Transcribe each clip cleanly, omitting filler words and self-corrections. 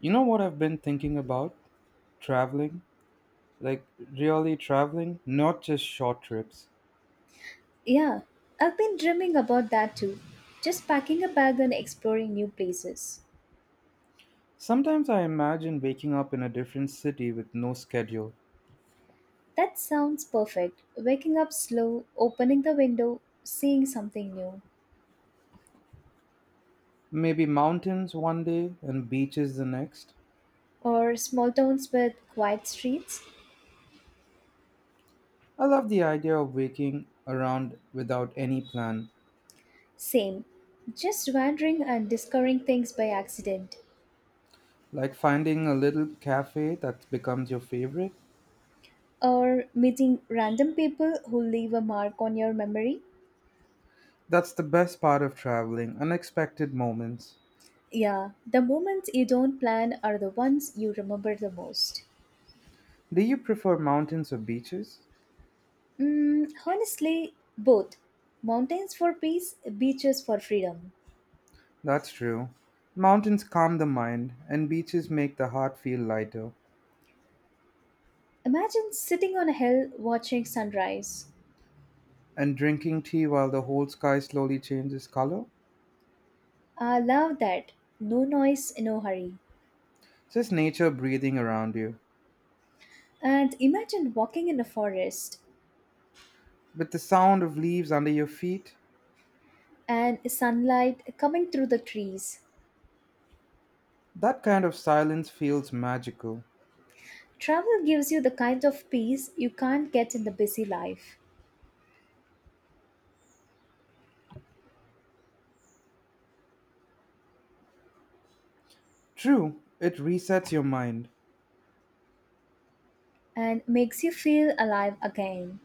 You know what I've been thinking about? Traveling. Like, really traveling, not just short trips. Yeah, I've been dreaming about that too. Just packing a bag and exploring new places. Sometimes I imagine waking up in a different city with no schedule. That sounds perfect. Waking up slow, opening the window, seeing something new. Maybe mountains one day and beaches the next. Or small towns with quiet streets? I love the idea of waking around without any plan. Same. Just wandering and discovering things by accident. Like finding a little cafe that becomes your favorite. Or meeting random people who leave a mark on your memory? That's the best part of traveling, unexpected moments. Yeah, the moments you don't plan are the ones you remember the most. Do you prefer mountains or beaches? Mm, honestly, both. Mountains for peace, beaches for freedom. That's true. Mountains calm the mind, and beaches make the heart feel lighter. Imagine sitting on a hill watching sunrise. And drinking tea while the whole sky slowly changes color? I love that. No noise, no hurry. Just nature breathing around you. And imagine walking in a forest With the sound of leaves under your feet? and sunlight coming through the trees. That kind of silence feels magical. Travel gives you the kind of peace you can't get in the busy life True, it resets your mind. and makes you feel alive again.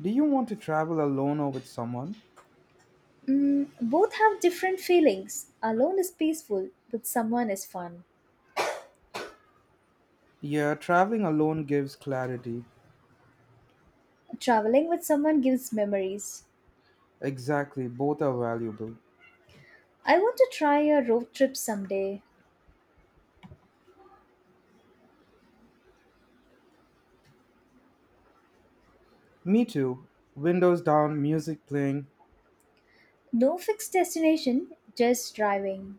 Do you want to travel alone or with someone? Mm, both have different feelings. Alone is peaceful, with someone is fun. Yeah, traveling alone gives clarity. Traveling with someone gives memories. Exactly, both are valuable. I want to try a road trip someday. Me too. Windows down, music playing, No fixed destination, just driving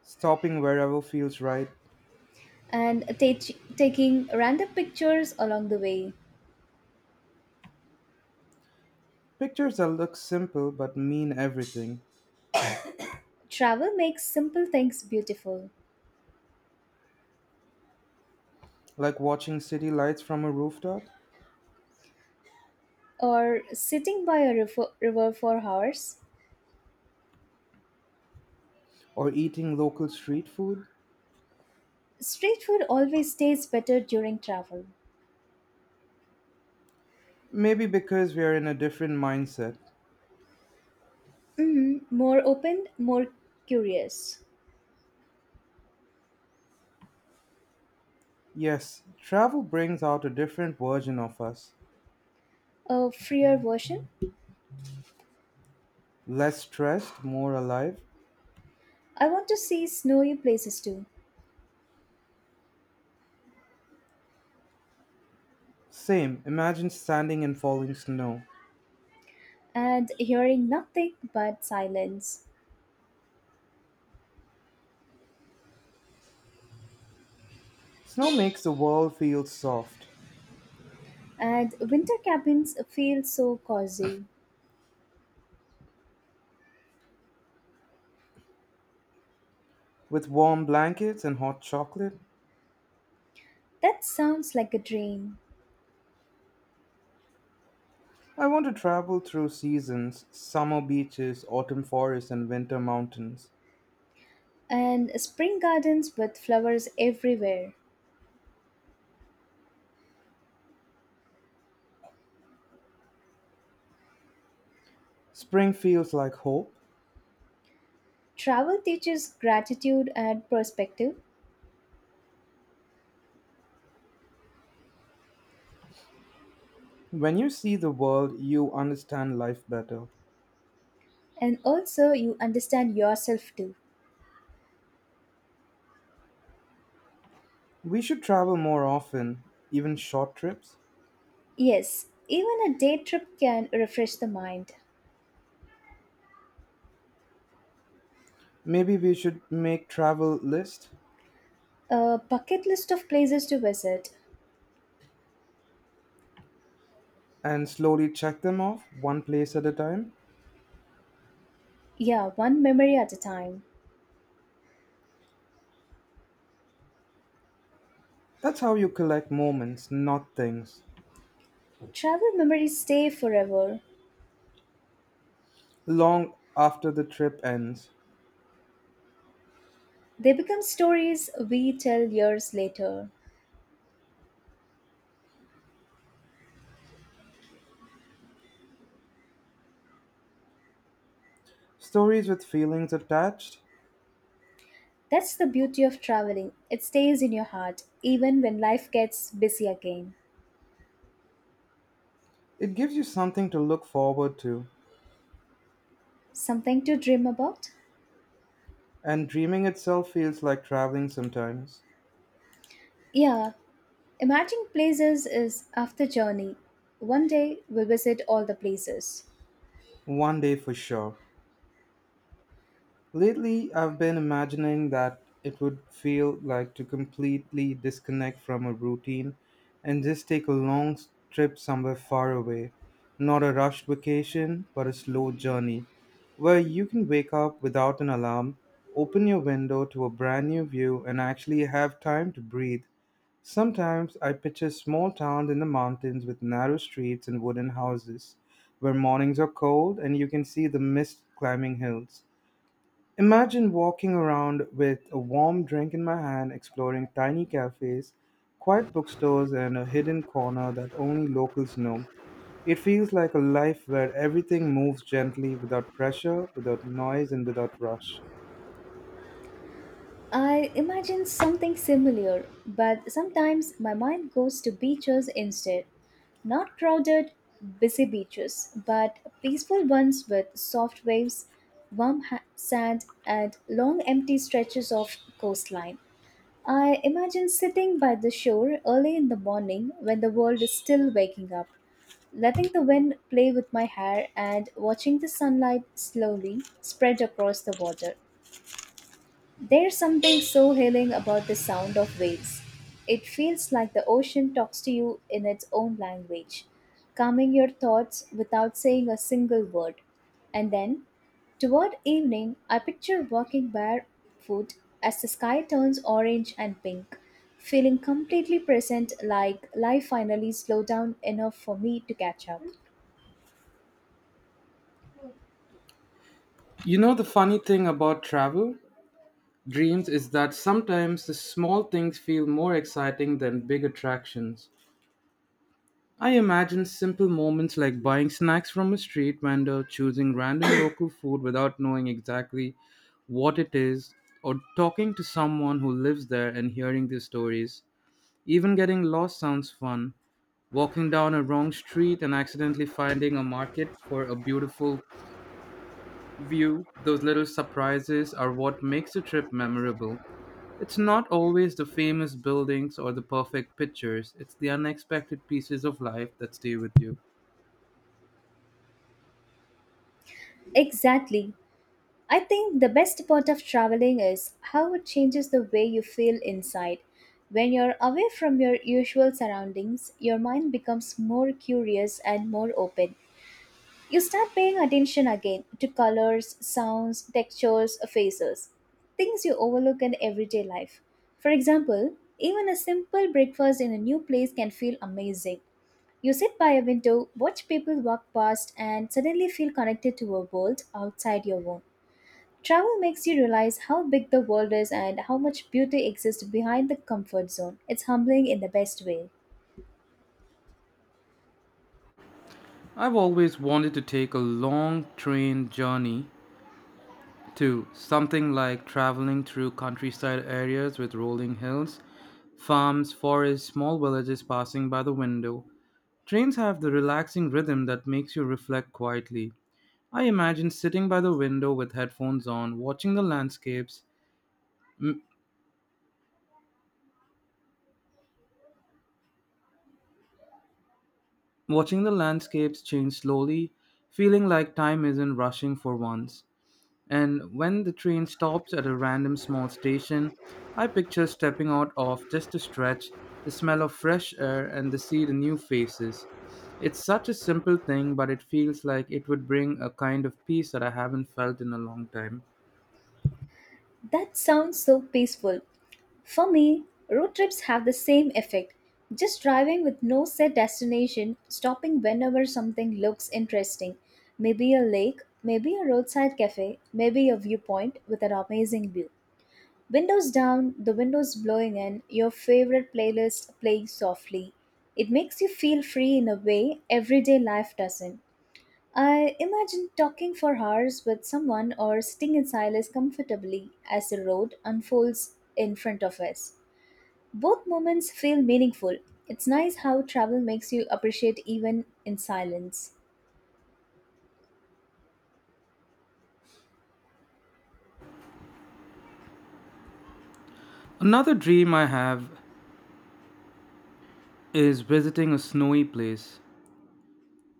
stopping wherever feels right. and taking random pictures along the way. Pictures that look simple but mean everything, Travel makes simple things beautiful. like watching city lights from a rooftop Or sitting by a river for hours. or eating local street food. Street food always tastes better during travel. Maybe because we are in a different mindset. Mhm, more open, more curious. Yes, travel brings out a different version of us. A freer version. Less stressed, more alive. I want to see snowy places too. Same, imagine standing in falling snow. And hearing nothing but silence. Snow makes the world feel soft. And winter cabins feel so cozy. With warm blankets and hot chocolate, That sounds like a dream. I want to travel through seasons summer beaches, autumn forests, and winter mountains. And spring gardens with flowers everywhere. Spring feels like hope. Travel teaches gratitude and perspective, When you see the world, you understand life better. and also you understand yourself too. We should travel more often, even short trips. Yes, even a day trip can refresh the mind. Maybe we should make travel lists A bucket list of places to visit. and slowly check them off one place at a time. Yeah, one memory at a time. That's how you collect moments, not things. Travel memories stay forever. Long after the trip ends, They become stories we tell years later. stories with feelings attached, That's the beauty of traveling. It stays in your heart, even when life gets busy again. it gives you something to look forward to. Something to dream about? And dreaming itself feels like traveling sometimes. Yeah, imagine places is after journey. One day we'll visit all the places. One day for sure. Lately, I've been imagining that it would feel like to completely disconnect from a routine and just take a trip somewhere far away. Not a rushed vacation, but a slow journey where you can wake up without an alarm, open your window to a brand new view, and actually have time to breathe. Sometimes I picture small towns in the mountains with narrow streets and wooden houses where mornings are cold and you can see the mist climbing hills. Imagine walking around with a warm drink in my hand, exploring tiny cafes, quiet bookstores, and a hidden corner that only locals know. It feels like a life where everything moves gently without pressure, without noise, and without rush. I imagine something similar, but sometimes my mind goes to beaches instead. Not crowded, busy beaches, but peaceful ones with soft waves, warm sand, and long empty stretches of coastline. I imagine sitting by the shore early in the morning when the world is still waking up, letting the wind play with my hair and watching the sunlight slowly spread across the water. There's something so healing about the sound of waves. It feels like the ocean talks to you in its own language, calming your thoughts without saying a single word. And then, toward evening, I picture walking barefoot as the sky turns orange and pink, feeling completely present like life finally slowed down enough for me to catch up. You know, the funny thing about travel dreams is that sometimes the small things feel more exciting than big attractions. I imagine simple moments like buying snacks from a street vendor, choosing random local food without knowing exactly what it is, or talking to someone who lives there and hearing their stories. Even getting lost sounds fun. Walking down a wrong street and accidentally finding a market for a beautiful view, those little surprises are what makes a trip memorable. It's not always the famous buildings or the perfect pictures, it's the unexpected pieces of life that stay with you. Exactly. I think the best part of traveling is how it changes the way you feel inside. When you're away from your usual surroundings, your mind becomes more curious and more open. You start paying attention again to colors, sounds, textures, faces, things you overlook in everyday life. For example, even a simple breakfast in a new place can feel amazing. You sit by a window, watch people walk past, and suddenly feel connected to a world outside your own. Travel makes you realize how big the world is and how much beauty exists behind the comfort zone. It's humbling in the best way. I've always wanted to take a long train journey to something like traveling through countryside areas with rolling hills, farms, forests, small villages passing by the window. Trains have the relaxing rhythm that makes you reflect quietly. I imagine sitting by the window with headphones on, watching the landscapes, m- watching the landscapes change slowly, feeling like time isn't rushing for once. And when the train stops at a random small station, I picture stepping out of just a stretch, the smell of fresh air, and to see the new faces. It's such a simple thing, but it feels like it would bring a kind of peace that I haven't felt in a long time. That sounds so peaceful. For me, road trips have the same effect. Just driving with no set destination, stopping whenever something looks interesting. Maybe a lake, maybe a roadside cafe, maybe a viewpoint with an amazing view. Windows down, the windows blowing in, your favorite playlist playing softly. It makes you feel free in a way everyday life doesn't. I imagine talking for hours with someone or sitting in silence comfortably as the road unfolds in front of us. Both moments feel meaningful. It's nice how travel makes you appreciate even in silence. Another dream I have is visiting a snowy place.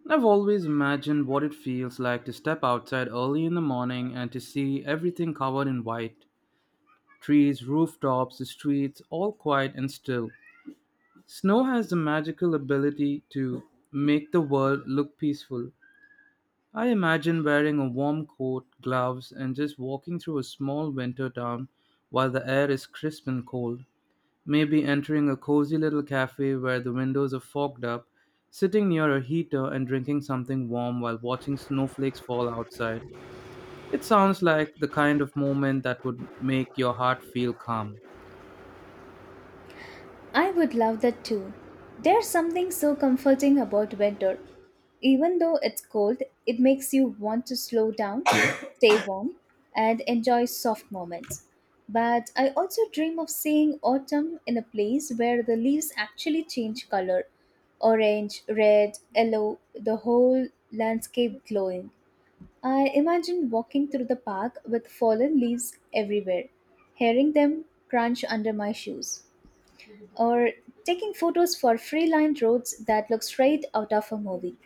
I've always imagined what it feels like to step outside early in the morning and to see everything covered in white trees, rooftops, the streets, all quiet and still. Snow has the magical ability to make the world look peaceful. I imagine wearing a warm coat, gloves, and just walking through a small winter town while the air is crisp and cold. Maybe entering a cozy little cafe where the windows are fogged up, sitting near a heater and drinking something warm while watching snowflakes fall outside. It sounds like the kind of moment that would make your heart feel calm. I would love that too. There's something so comforting about winter. Even though it's cold, it makes you want to slow down, stay warm, and enjoy soft moments. But I also dream of seeing autumn in a place where the leaves actually change color orange, red, yellow, the whole landscape glowing. I imagine walking through the park with fallen leaves everywhere, hearing them crunch under my shoes or taking photos for freeline roads that look straight out of a movie.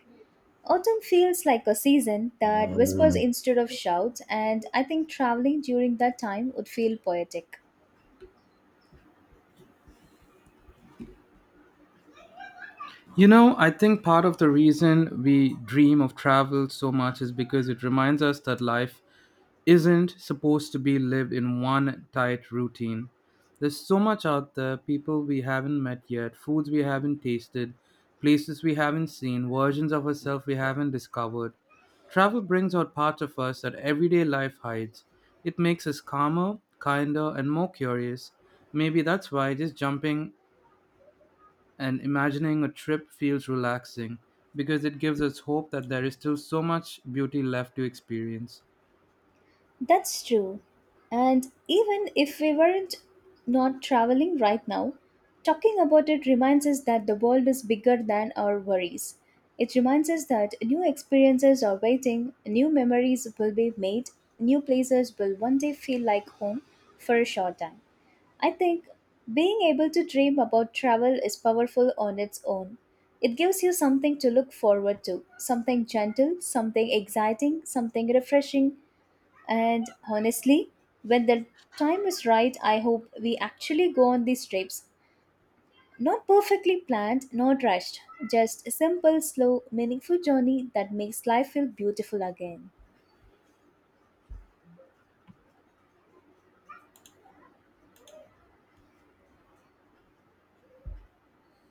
Autumn feels like a season that whispers instead of shouts, and I think traveling during that time would feel poetic. You know, I think part of the reason we dream of travel so much is because it reminds us that life isn't supposed to be lived in one tight routine. There's so much out there people we haven't met yet, foods we haven't tasted, places we haven't seen, versions of ourselves we haven't discovered. Travel brings out parts of us that everyday life hides. It makes us calmer, kinder, and more curious. Maybe that's why just jumping and imagining a trip feels relaxing because it gives us hope that there is still so much beauty left to experience. That's true. And even if we weren't not traveling right now, talking about it reminds us that the world is bigger than our worries. It reminds us that new experiences are waiting, new memories will be made, new places will one day feel like home for a short time. I think being able to dream about travel is powerful on its own. It gives you something to look forward to, something gentle, something exciting, something refreshing, and honestly, when the time is right, I hope we actually go on these trips. Not perfectly planned, not rushed, just a simple, slow, meaningful journey that makes life feel beautiful again.